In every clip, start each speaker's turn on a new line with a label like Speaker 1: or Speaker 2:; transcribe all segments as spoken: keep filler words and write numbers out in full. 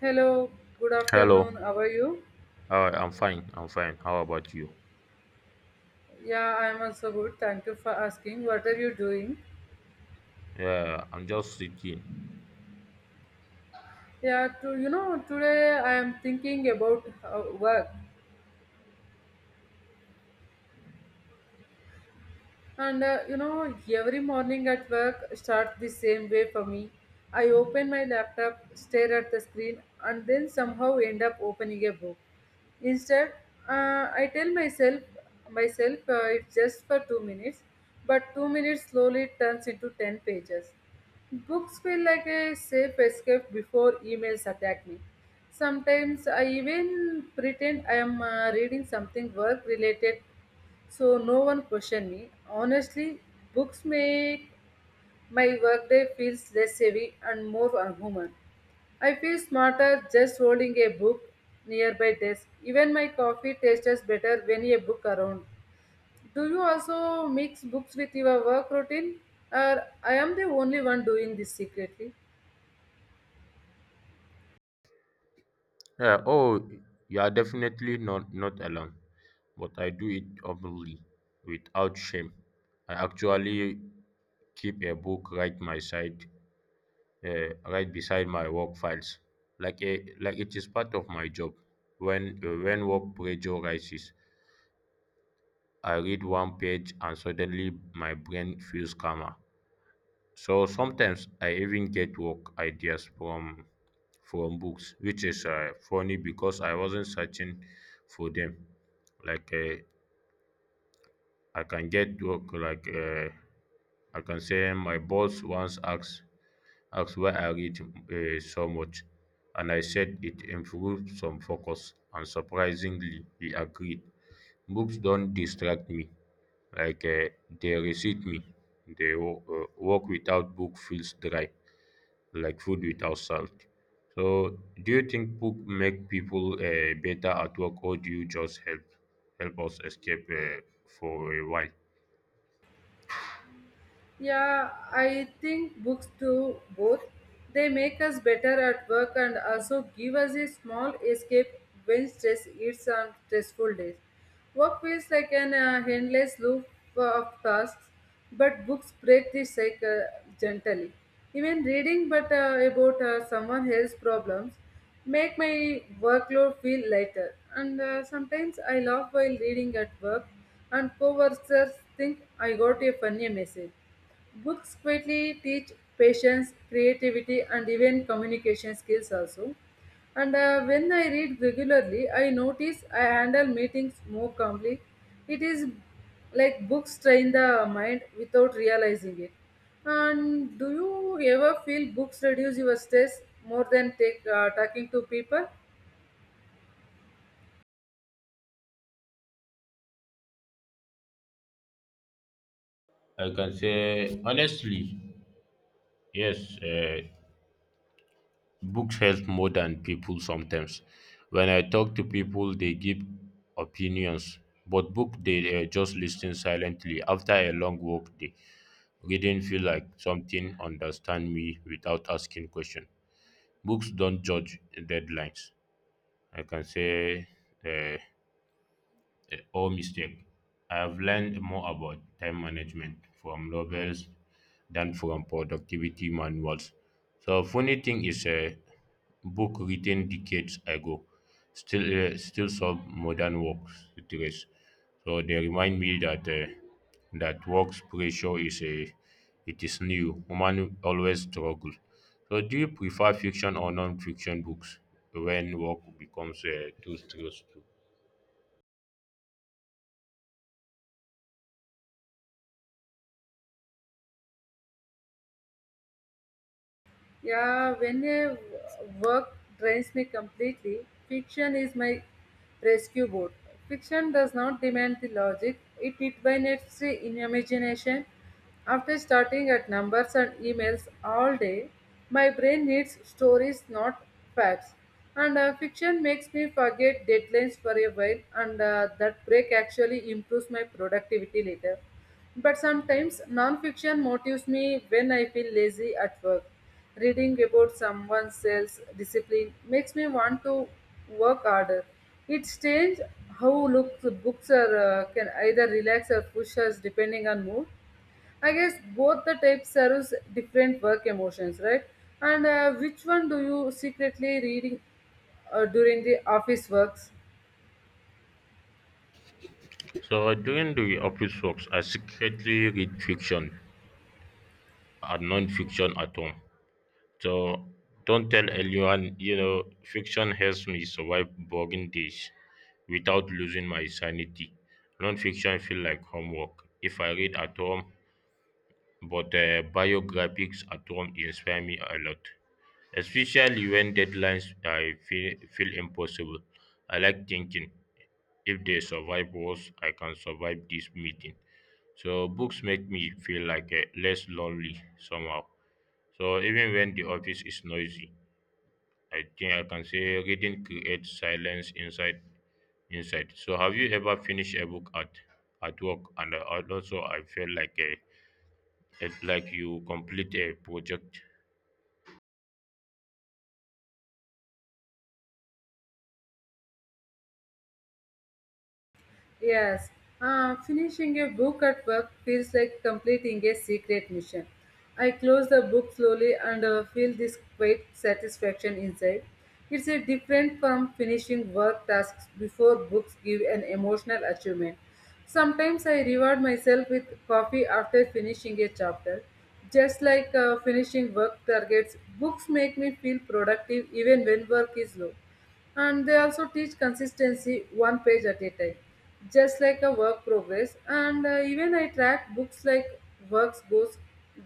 Speaker 1: Hello, good afternoon.
Speaker 2: Hello.
Speaker 1: How are you?
Speaker 2: Hi, I'm fine. I'm fine. How about you?
Speaker 1: Yeah, I am also good. Thank you for asking. What are you doing?
Speaker 2: Yeah, I'm just sitting.
Speaker 1: Yeah, to, you know, today I am thinking about uh, work. And uh, you know, every morning at work starts the same way for me. I open my laptop, stare at the screen, and then somehow end up opening a book. Instead, uh, I tell myself myself uh, it's just for two minutes, but two minutes slowly turns into ten pages. Books feel like a safe escape before emails attack me. Sometimes I even pretend I am uh, reading something work related so no one questioned me. Honestly, books make my workday feels less heavy and more human. I feel smarter just holding a book nearby desk. Even my coffee tastes better when a book around. Do you also mix books with your work routine? Or I am the only one doing this secretly?
Speaker 2: Yeah, oh, you are definitely not not alone, but I do it openly, without shame. I actually keep a book right my side, uh, right beside my work files, like a like it is part of my job. When uh, when work pressure rises, I read one page and suddenly my brain feels calmer. So sometimes I even get work ideas from from books, which is uh, funny because I wasn't searching for them. Like uh, I can get work like uh, I can say my boss once asked asked why I read uh, so much, and I said it improved some focus, and surprisingly he agreed. Books don't distract me, like uh, they receive me. They wo- uh, work without book feels dry like food without salt. So, do you think book make people uh, better at work, or do you just help help us escape uh, for a while?
Speaker 1: Yeah, I think books do both. They make us better at work and also give us a small escape when stress eats on stressful days. Work feels like an uh, endless loop of tasks, but books break the cycle gently. Even reading but uh, about uh, someone else's problems make my workload feel lighter. And uh, Sometimes I laugh while reading at work, and co-workers think I got a funny message. Books greatly teach patience, creativity, and even communication skills also. And uh, When I read regularly, I notice I handle meetings more calmly. It is like books train the mind without realizing it. And do you ever feel books reduce your stress more than take, uh, talking to people?
Speaker 2: I can say honestly, yes. Uh, books help more than people sometimes. When I talk to people, they give opinions, but book they uh, just listen silently. After a long work day, reading feel like something understand me without asking question. Books don't judge deadlines. I can say uh, eh, or mistake. I have learned more about time management from novels than from productivity manuals. So funny thing is a book written decades ago still uh, still solve modern work stress. So they remind me that uh, that work pressure is a it is new. Human always struggle. So do you prefer fiction or non-fiction books when work becomes uh, too stressful?
Speaker 1: Yeah, when a w- work drains me completely, fiction is my rescue boat. Fiction does not demand the logic, it ignites the imagination. After starting at numbers and emails all day, my brain needs stories, not facts. And uh, Fiction makes me forget deadlines for a while, and uh, that break actually improves my productivity later. But sometimes non-fiction motivates me when I feel lazy at work. Reading about someone's else discipline makes me want to work harder. It's strange how look, books are uh, can either relax or push us depending on mood. I guess both the types serves different work emotions, right? And uh, Which one do you secretly reading uh, during the office works?
Speaker 2: So during the office works, I secretly read fiction and non-fiction at home. So don't tell anyone, you know, fiction helps me survive boring days without losing my sanity. Non-fiction feel like homework. If I read at home, but uh, biographies at home inspire me a lot, especially when deadlines I feel, feel impossible. I like thinking, if they survive wars, I can survive this meeting. So books make me feel like uh, less lonely somehow. So even when the office is noisy, I think I can say reading creates silence inside inside. So have you ever finished a book at at work and uh, and also I feel like a it's like you complete a project?
Speaker 1: Yes, uh, finishing a book at work feels like completing a secret mission. I close the book slowly and uh, feel this great satisfaction inside. It's a different from finishing work tasks before books give an emotional achievement. Sometimes I reward myself with coffee after finishing a chapter. Just like uh, finishing work targets, books make me feel productive even when work is low, and they also teach consistency one page at a time, just like a work progress. And uh, Even I track books like works goes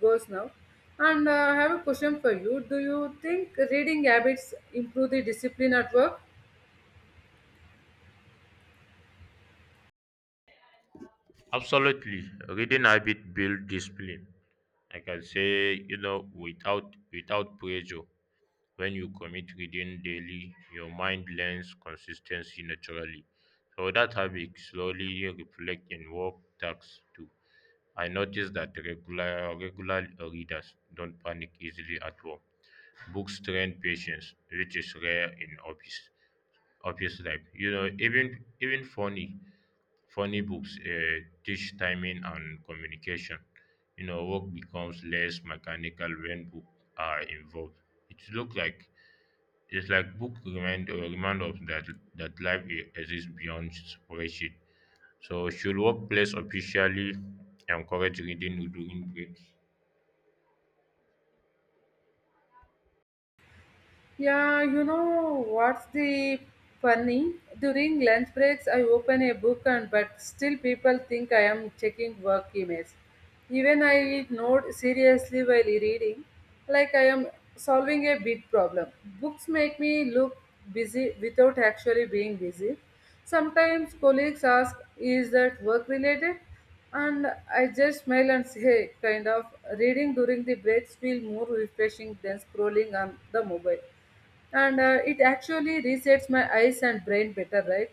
Speaker 1: goes now. And uh, I have a question for you. Do you think reading habits improve the discipline at work?
Speaker 2: Absolutely, reading habit build discipline. I can say you know without without pressure. When you commit reading daily, your mind learns consistency naturally. So that habit slowly reflect in work tasks too. I noticed that regular regular readers don't panic easily at work. Books train patience, which is rare in office office life. You know, even even funny funny books uh, teach timing and communication. You know, work becomes less mechanical when books are involved. It looks like it's like book remind uh, remind us that that life e- exists beyond spreadsheet. So should workplace officially encourage reading during breaks?
Speaker 1: Yeah, you know what's the funny? During lunch breaks, I open a book, and but still people think I am checking work emails. Even I note seriously while reading, like I am solving a big problem. Books make me look busy without actually being busy. Sometimes colleagues ask, "Is that work related?" And I just smile and say, "Hey, kind of, reading during the breaks feel more refreshing than scrolling on the mobile, and uh, it actually resets my eyes and brain better. Right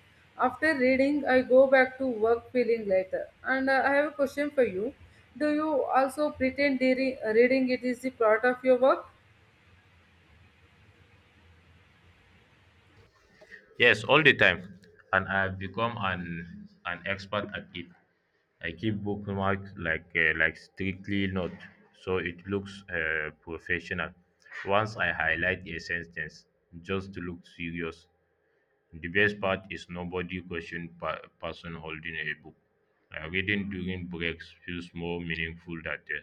Speaker 1: after reading I go back to work feeling lighter." and uh, I have a question for you. Do you also pretend during reading it is the part of your work?
Speaker 2: Yes, all the time, and I have become an an expert at it. I keep bookmark like uh, like strictly not so it looks uh, professional. Once I highlight a sentence just to look serious. The best part is nobody question pa- person holding a book. Uh, reading during breaks feels more meaningful than uh,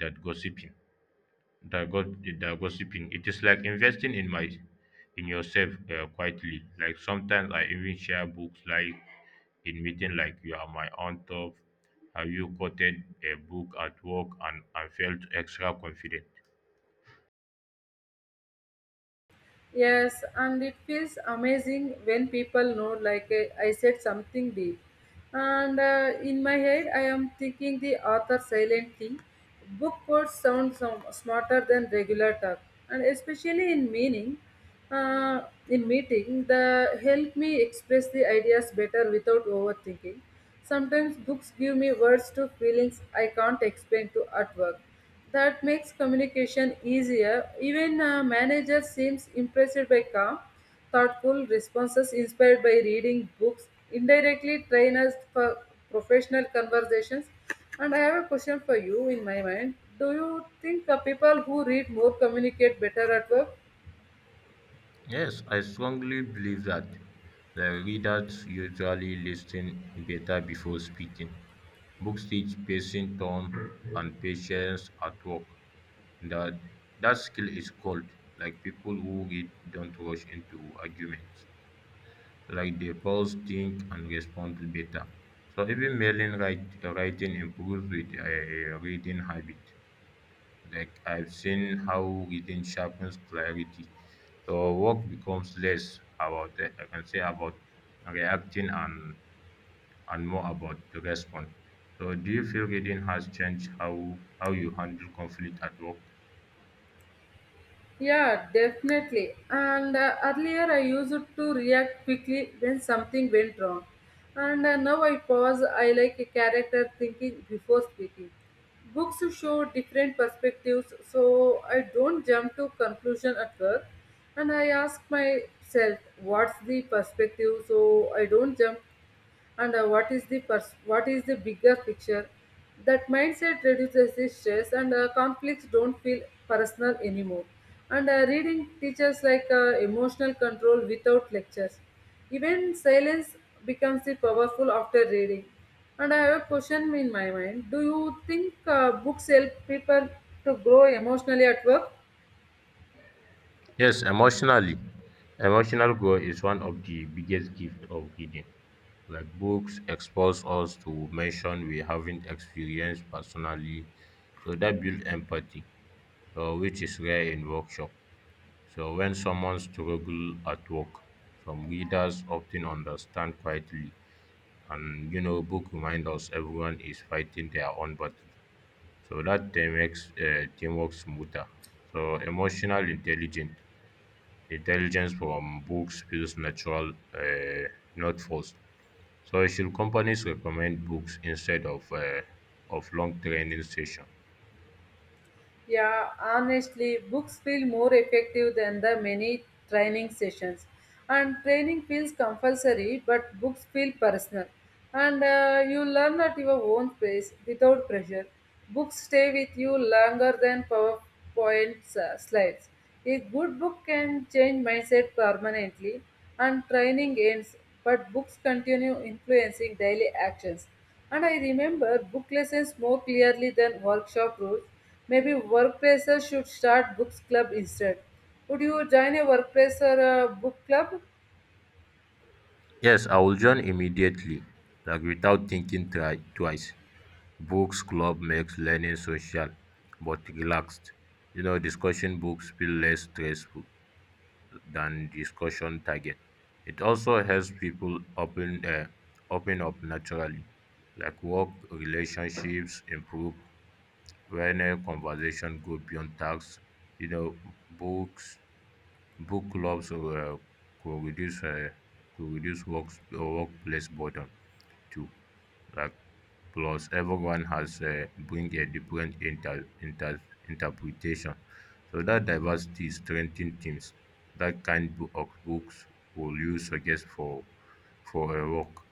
Speaker 2: that gossiping. That, go- that gossiping. It is like investing in my in yourself uh, quietly. Like sometimes I even share books like in meeting like you are my aunt of have you quoted a book at work and, and felt extra confident?
Speaker 1: Yes, and it feels amazing when people know, like eh, I said something deep. And uh, In my head, I am thinking the author silently. Book quotes sound some smarter than regular talk, and especially in meaning, uh, in meeting, the help me express the ideas better without overthinking. Sometimes books give me words to feelings I can't explain to at work. That makes communication easier. Even a manager seems impressed by calm, thoughtful responses inspired by reading books. Indirectly train us for professional conversations. And I have a question for you in my mind. Do you think the people who read more communicate better at work?
Speaker 2: Yes, I strongly believe that the readers usually listen better before speaking. Books teach patient tone and patience at work. That that skill is called like people who read don't rush into arguments. So like they pause, think, and respond better. So even mailing write, writing improves with a reading habit. Like I've seen how reading sharpens clarity. So work becomes less about uh, I can say about reacting and and more about the response. So do you feel reading has changed how how you handle conflict at work?
Speaker 1: Yeah, definitely. And uh, Earlier I used to react quickly when something went wrong. And uh, Now I pause, I like a character thinking before speaking. Books show different perspectives, so I don't jump to conclusion at work. And I ask myself, what's the perspective? So I don't jump, and uh, what is the pers- what is the bigger picture? That mindset reduces the stress, and uh, conflicts don't feel personal anymore. And uh, Reading teaches like uh, emotional control without lectures. Even silence becomes the powerful after reading. And I have a question in my mind. Do you think uh, books help people to grow emotionally at work?
Speaker 2: Yes, emotionally. Emotional growth is one of the biggest gift of reading. Like books expose us to emotion we haven't experienced personally. So that builds empathy, so which is rare in workshop. So when someone struggles at work, some readers often understand quietly, and you know, book reminds us everyone is fighting their own battle. So that they makes uh, teamwork smoother. So emotional intelligence, intelligence from books feels natural, uh, not forced. So should companies recommend books instead of uh, of long training session?
Speaker 1: Yeah, honestly, books feel more effective than the many training sessions. And training feels compulsory, but books feel personal. And uh, You learn at your own pace without pressure. Books stay with you longer than PowerPoint uh, slides. A good book can change mindset permanently, and training ends, but books continue influencing daily actions. And I remember book lessons more clearly than workshop rules. Maybe workplaces should start books club instead. Would you join a workplace or a book club?
Speaker 2: Yes, I will join immediately, like without thinking try, twice. Books Club makes learning social, but relaxed, you know discussion books feel less stressful than discussion target. It also helps people open, uh, open up naturally, like work relationships improve when a conversation go beyond tasks. You know, books, book clubs uh, could reduce, uh, could reduce works, uh, workplace boredom. To Like plus everyone has uh, bring a different inter, inter interpretation. So that diversity strengthens teams. That kind bo- of books will you suggest for for a work?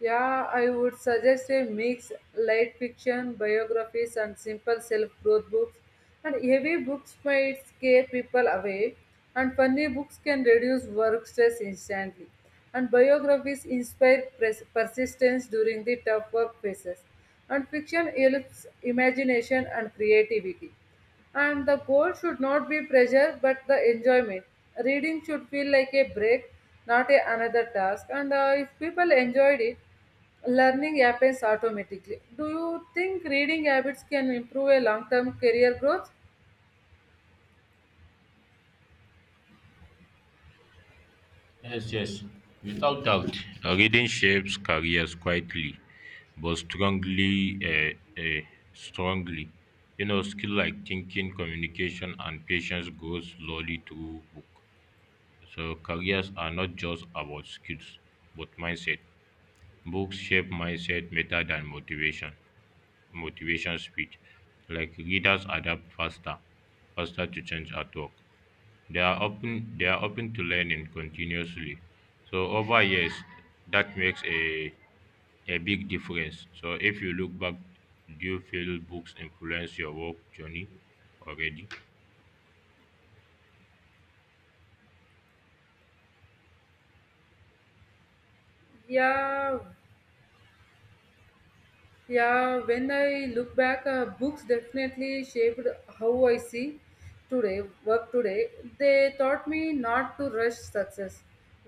Speaker 1: Yeah, I would suggest a mix: light fiction, biographies, and simple self growth books. And heavy books might scare people away, and funny books can reduce work stress instantly. And biographies inspire pres- persistence during the tough work phases. And fiction helps imagination and creativity. And the goal should not be pressure but the enjoyment. Reading should feel like a break, not a, another task. And uh, If people enjoyed it, learning happens automatically. Do you think reading habits can improve a long term career growth?
Speaker 2: Yes, yes, without doubt. Uh, reading shapes careers quietly, but strongly, uh, uh, strongly. You know, skill like thinking, communication, and patience grows slowly through book. So careers are not just about skills, but mindset. Books shape mindset better than motivation, motivation speech. Like readers adapt faster, faster to change at work. They are open. They are open to learning continuously. So over years, that makes a a big difference. So if you look back, do you feel books influence your work journey already?
Speaker 1: Yeah, Yeah, when I look back, uh, books definitely shaped how I see today, work today. They taught me not to rush success.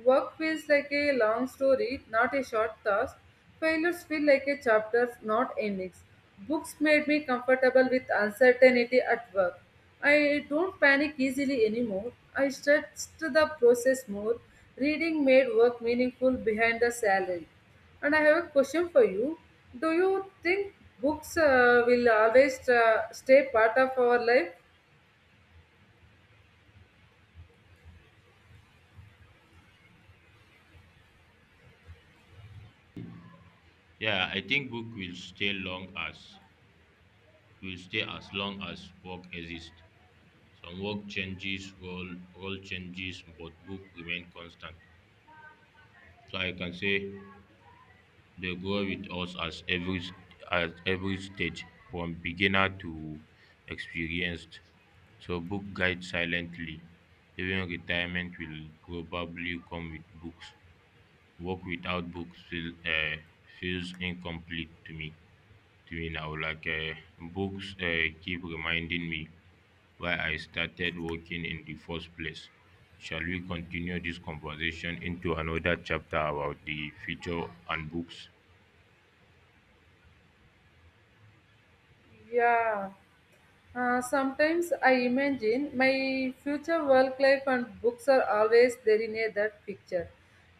Speaker 1: Work feels like a long story, not a short task. Failures feel like a chapter, not endings. Books made me comfortable with uncertainty at work. I don't panic easily anymore. I stretched the process more. Reading made work meaningful behind the salary. And I have a question for you. Do you think books uh, will always uh, stay part of our life?
Speaker 2: Yeah, I think book will stay long as will stay as long as work exists. Some work changes, role, role changes, but book remain constant. So I can say they grow with us as every s- at every stage, from beginner to experienced. So book guide silently. Even retirement will probably come with books. Work without books feel, uh, feels incomplete to me. To me now. Like uh, books uh, keep reminding me why I started working in the first place. Shall we continue this conversation into another chapter about the future and books?
Speaker 1: Yeah. Uh, sometimes I imagine my future work life and books are always there in a, that picture.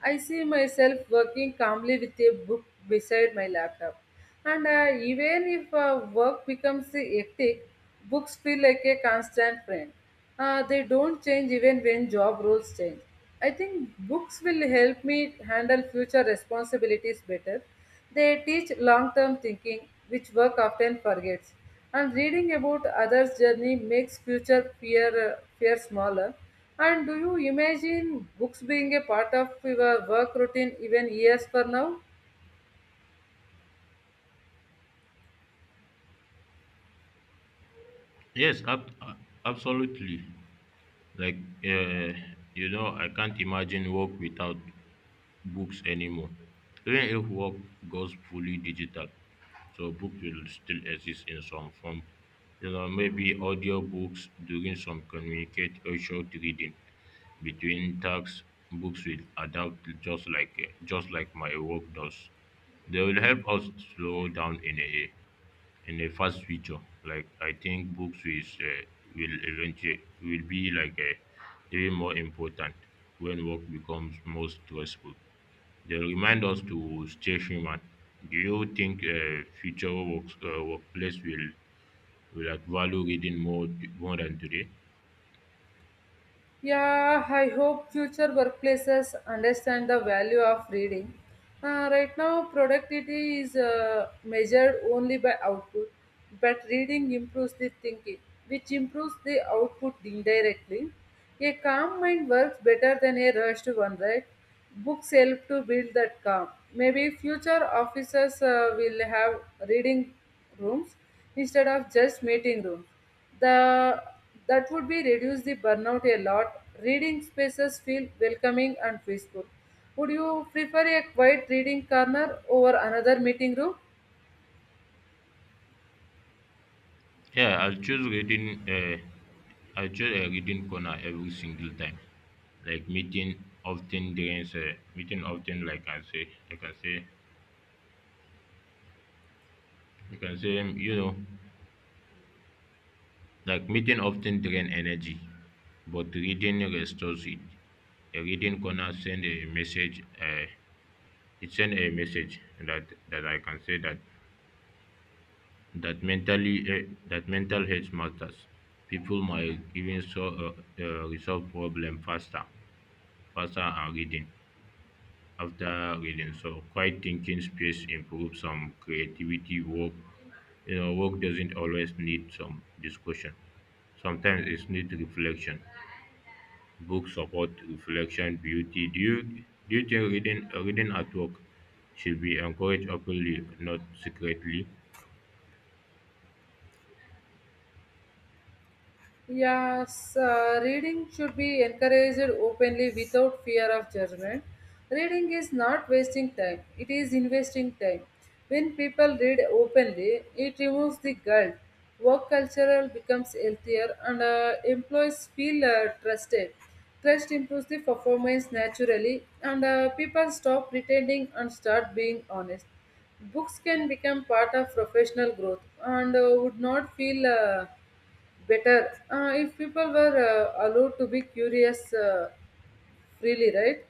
Speaker 1: I see myself working calmly with a book beside my laptop. And uh, even if uh, work becomes hectic, books feel like a constant friend. Uh, they don't change even when job roles change. I think books will help me handle future responsibilities better. They teach long term thinking, which work often forgets. And reading about others' journey makes future fear, uh, fear smaller. And do you imagine books being a part of your work routine even years for now?
Speaker 2: Yes, ab- uh, absolutely. Like, uh, you know, I can't imagine work without books anymore. Even if work goes fully digital, so books will still exist in some form. You know, maybe audiobooks during some communicate or short reading between tasks. Books will adapt just like uh, just like my work does. They will help us slow down in a in a fast future. Like I think books is uh, will eventually will be like uh, even more important when work becomes more stressful. They remind us to stay human. Do you think uh, future works, uh, workplace will, will like value reading more t- more than today?
Speaker 1: Yeah, I hope future workplaces understand the value of reading. Uh, right now, productivity is uh, measured only by output, but reading improves the thinking, which improves the output indirectly. A calm mind works better than a rushed one, right? Books help to build that calm. Maybe future officers uh, will have reading rooms instead of just meeting rooms. The that would be reduce the burnout a lot. Reading spaces feel welcoming and peaceful. Would you prefer a quiet reading corner over another meeting room?
Speaker 2: Yeah, I'll choose reading. Uh, I'll choose a reading corner every single time. Like meeting often drains. Uh, meeting often, like I say, like I say, you can say, um, you know, like meeting often drain energy, but reading restores it. A reading corner send a message. Uh, it send a message that that I can say that that mentally eh, that mental health matters. People might even so uh, uh, resolve problem faster, faster and reading after reading. So quiet thinking space improves some creativity work. You know, work doesn't always need some discussion. Sometimes it's need reflection. Books support reflection, beauty. Do you do you think reading reading at work should be encouraged openly, not secretly?
Speaker 1: Yes, uh, reading should be encouraged openly without fear of judgment. Reading is not wasting time, it is investing time. When people read openly, it removes the guilt. Work culture becomes healthier, and uh, employees feel uh, trusted. Trust improves the performance naturally, and uh, people stop pretending and start being honest. Books can become part of professional growth, and uh, would not feel. Uh, better uh, if people were uh, allowed to be curious uh, freely, right?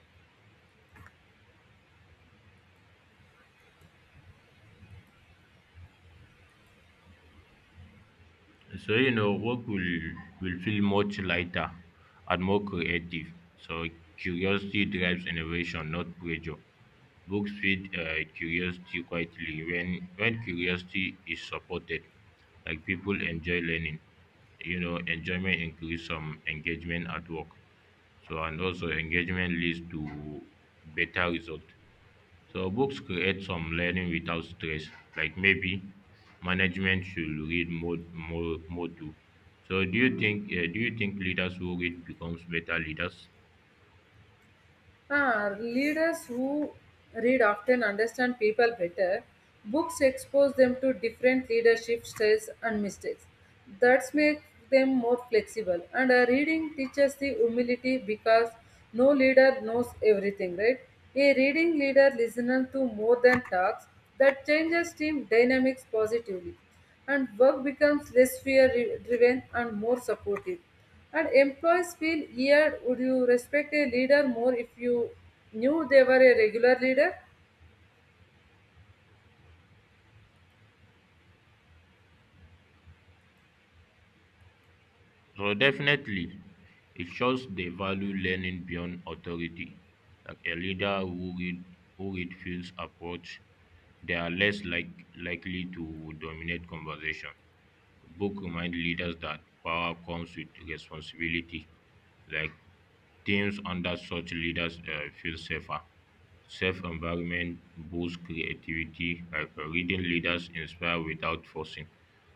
Speaker 2: So, you know, work will, will feel much lighter and more creative. So, curiosity drives innovation, not pressure. Books feed uh, curiosity quietly when, when curiosity is supported, like people enjoy learning. You know, enjoyment increase some engagement at work. So, and also engagement leads to better result. So books create some learning without stress. Like maybe management should read more more more too. So do you think uh, do you think leaders who read becomes better leaders?
Speaker 1: uh, Leaders who read often understand people better. Books expose them to different leadership styles and mistakes. That makes them more flexible, and uh, reading teaches the humility, because no leader knows everything, right? A reading leader listens to more than talks. That changes team dynamics positively, and work becomes less fear driven and more supportive. And employees feel, yeah, would you respect a leader more if you knew they were a regular leader?
Speaker 2: So definitely, it shows they value learning beyond authority. Like a leader who read, who read feels approach, they are less like likely to dominate conversation. Book remind leaders that power comes with responsibility. Like teams under such leaders uh, feel safer. Safe environment boosts creativity. Like uh, reading leaders inspire without forcing.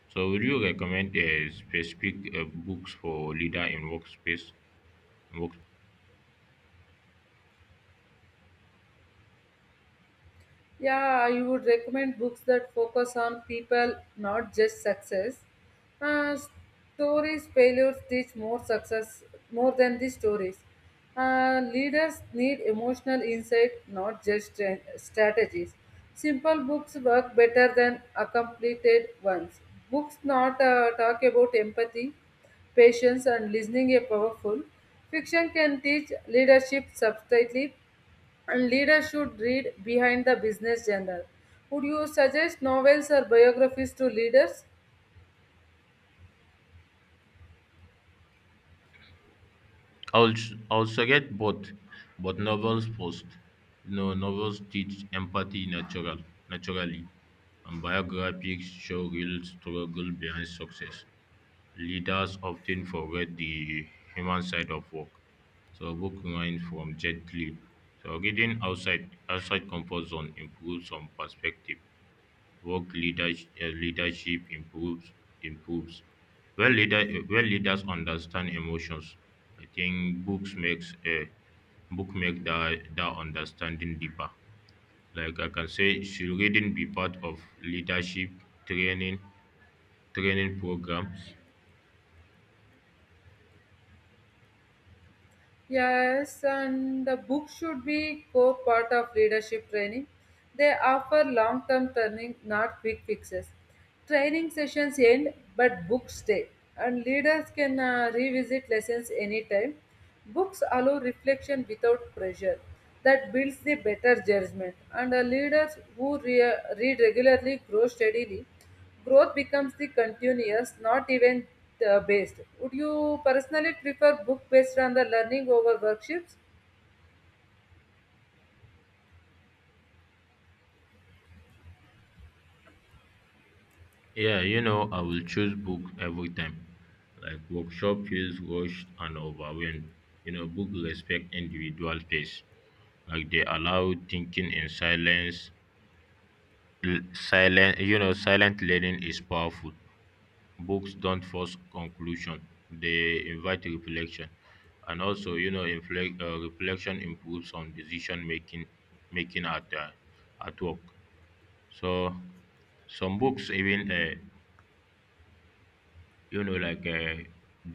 Speaker 2: So would you recommend a specific uh, books for leader in workspace? in work-
Speaker 1: Yeah, I would recommend books that focus on people, not just success. Uh, Stories failures teach more success more than the stories. Uh, leaders need emotional insight, not just stra- strategies. Simple books work better than complicated ones. Books not uh, talk about empathy, patience, and listening are powerful. Fiction can teach leadership subtly, and leaders should read behind the business journal. Would you suggest novels or biographies to leaders?
Speaker 2: I'll s- I'll suggest both, but novels first. You know, novels teach empathy natural naturally, and biographies show real struggle behind success. Leaders often forget the human side of work. So book mine from Jet Li. So reading outside outside comfort zone improves some perspective. work leadership, leadership improves improves when leader when leaders understand emotions. I think books makes a book make that that understanding deeper. Like I can say, should reading be part of leadership training training program?
Speaker 1: Yes, and the book should be core part of leadership training. They offer long-term training, not quick fixes. Training sessions end, but books stay, and leaders can uh, revisit lessons anytime. Books allow reflection without pressure. That builds the better judgment, and the leaders who re- read regularly grow steadily. Growth becomes the continuous, not event-based. Would you personally prefer book based on the learning over workshops?
Speaker 2: Yeah, you know, I will choose book every time. Like workshop feels rushed and overwhelmed. You know, book respect individual space, like they allow thinking in silence. L- Silent, you know, silent learning is powerful. Books don't force conclusion; they invite reflection, and also, you know, inflect, uh, reflection improves on decision making, making at uh, at work. So, some books even uh, you know like uh,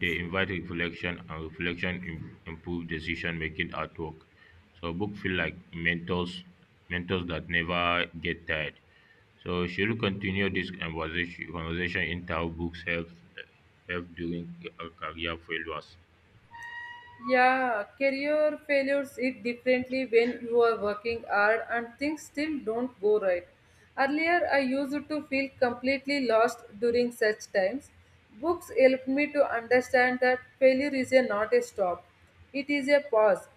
Speaker 2: they invite reflection and reflection im- improve decision making at work. So book feel like mentors mentors that never get tired. So she will continue this conversation conversation in how books help help during uh, career failures.
Speaker 1: Yeah, career failures hit differently when you are working hard and things still don't go right. Earlier, I used to feel completely lost during such times. Books helped me to understand that failure is a, not a stop, it is a pause.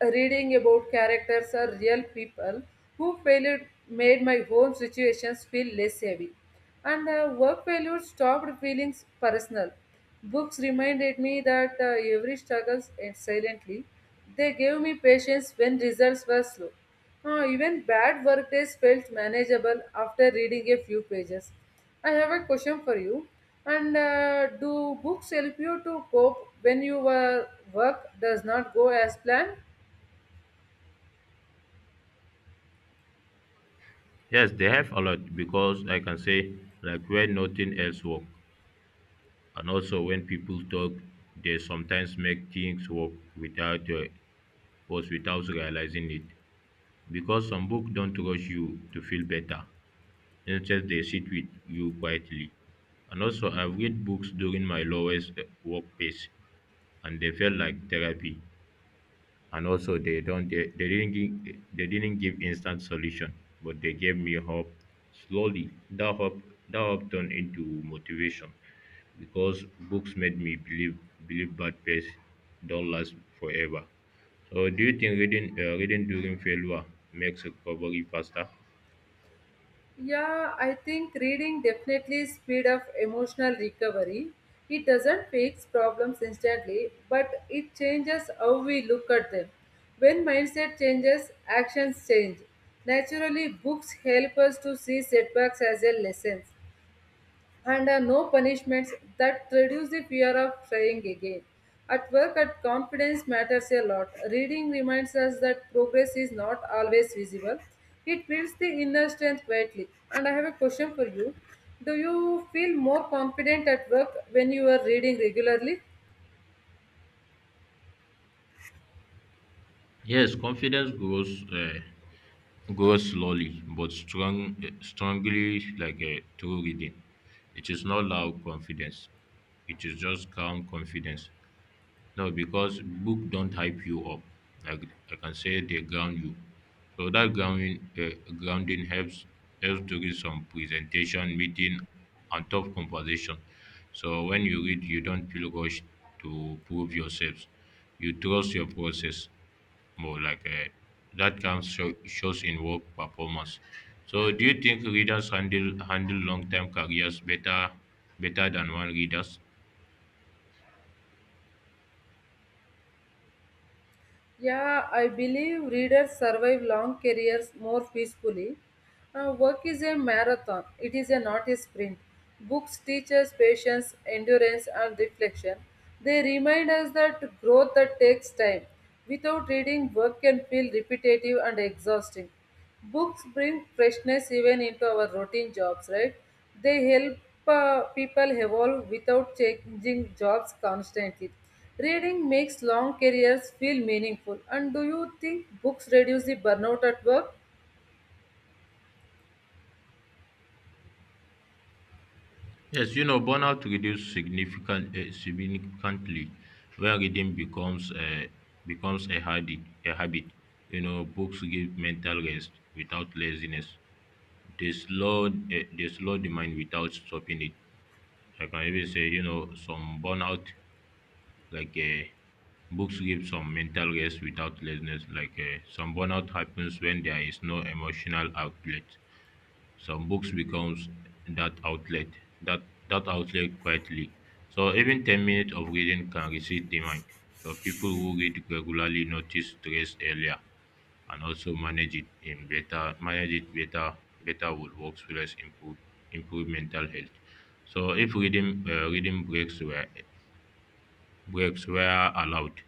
Speaker 1: Reading about characters or real people who failed made my home situations feel less heavy. And uh, Work failure stopped feeling personal. Books reminded me that uh, every struggle ends silently. They gave me patience when results were slow. Uh, even bad work days felt manageable after reading a few pages. I have a question for you. And uh, Do books help you to cope when your work does not go as planned?
Speaker 2: Yes, they help a lot because I can say like when nothing else work, and also when people talk they sometimes make things work without uh, was without realizing it. Because some books don't rush you to feel better. Instead, they sit with you quietly. And also, I've read books during my lowest uh, work pace, and they felt like therapy, and also they don't they, they didn't give, they didn't give instant solution, but they gave me hope slowly. That hope, that hope turned into motivation because books made me believe believe bad pace don't last forever. So do you think reading uh, reading during failure makes recovery faster?
Speaker 1: Yeah, I think reading definitely speed up emotional recovery. It doesn't fix problems instantly, but it changes how we look at them. When mindset changes, actions change. Naturally, books help us to see setbacks as a lessons, and uh, no punishments that reduce the fear of trying again. At work, at confidence matters a lot. Reading reminds us that progress is not always visible. It builds the inner strength quietly. And I have a question for you. Do you feel more confident at work when you are reading regularly?
Speaker 2: Yes, confidence grows uh, go slowly but strong, strongly like a true reading. It is not loud confidence. It is just calm confidence. No, because book don't hype you up. Like I can say they ground you. So that grounding, uh, grounding helps helps to read some presentation, meeting, and tough conversation. So when you read, you don't feel rushed to prove yourselves. You trust your process more like uh, that comes show, shows in work performance. So do you think readers handle handle long term careers better better than one readers?
Speaker 1: Yeah, I believe readers survive long careers more peacefully. Uh, work is a marathon, it is a, not a sprint. Books teach us patience, endurance, and reflection. They remind us that growth that takes time. Without reading, work can feel repetitive and exhausting. Books bring freshness even into our routine jobs, right? They help uh, people evolve without changing jobs constantly. Reading makes long careers feel meaningful. And do you think books reduce the burnout at work?
Speaker 2: Yes, you know burnout reduces significant uh, significantly when reading becomes a becomes a habit a habit. You know books give mental rest without laziness. They slow uh, they slow the mind without stopping it. Like I can even say you know some burnout like uh, books give some mental rest without laziness like uh, some burnout happens when there is no emotional outlet. Some books becomes that outlet, that that outlet quietly. So even ten minutes of reading can reset the mind. So people who read regularly notice stress earlier, and also manage it in better manage it better. Better would work stress improve improve mental health so if reading uh, reading breaks were breaks were allowed?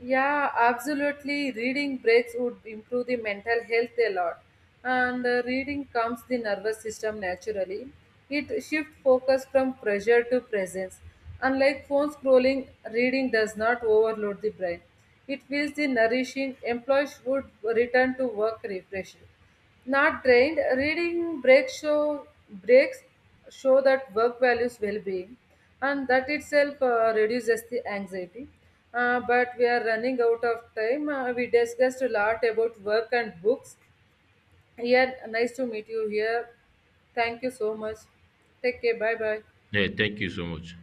Speaker 1: Yeah, absolutely. Reading breaks would improve the mental health a lot. And uh, Reading calms the nervous system naturally. It shifts focus from pressure to presence. Unlike phone scrolling, reading does not overload the brain. It feels the nourishing. Employees would return to work refreshed. Not drained, reading breaks show breaks show that work values well-being, and that itself uh, reduces the anxiety. Uh, but we are running out of time. Uh, we discussed a lot about work and books. Yeah, nice to meet you here. Thank you so much. Take care. Bye bye.
Speaker 2: Hey! Thank you so much.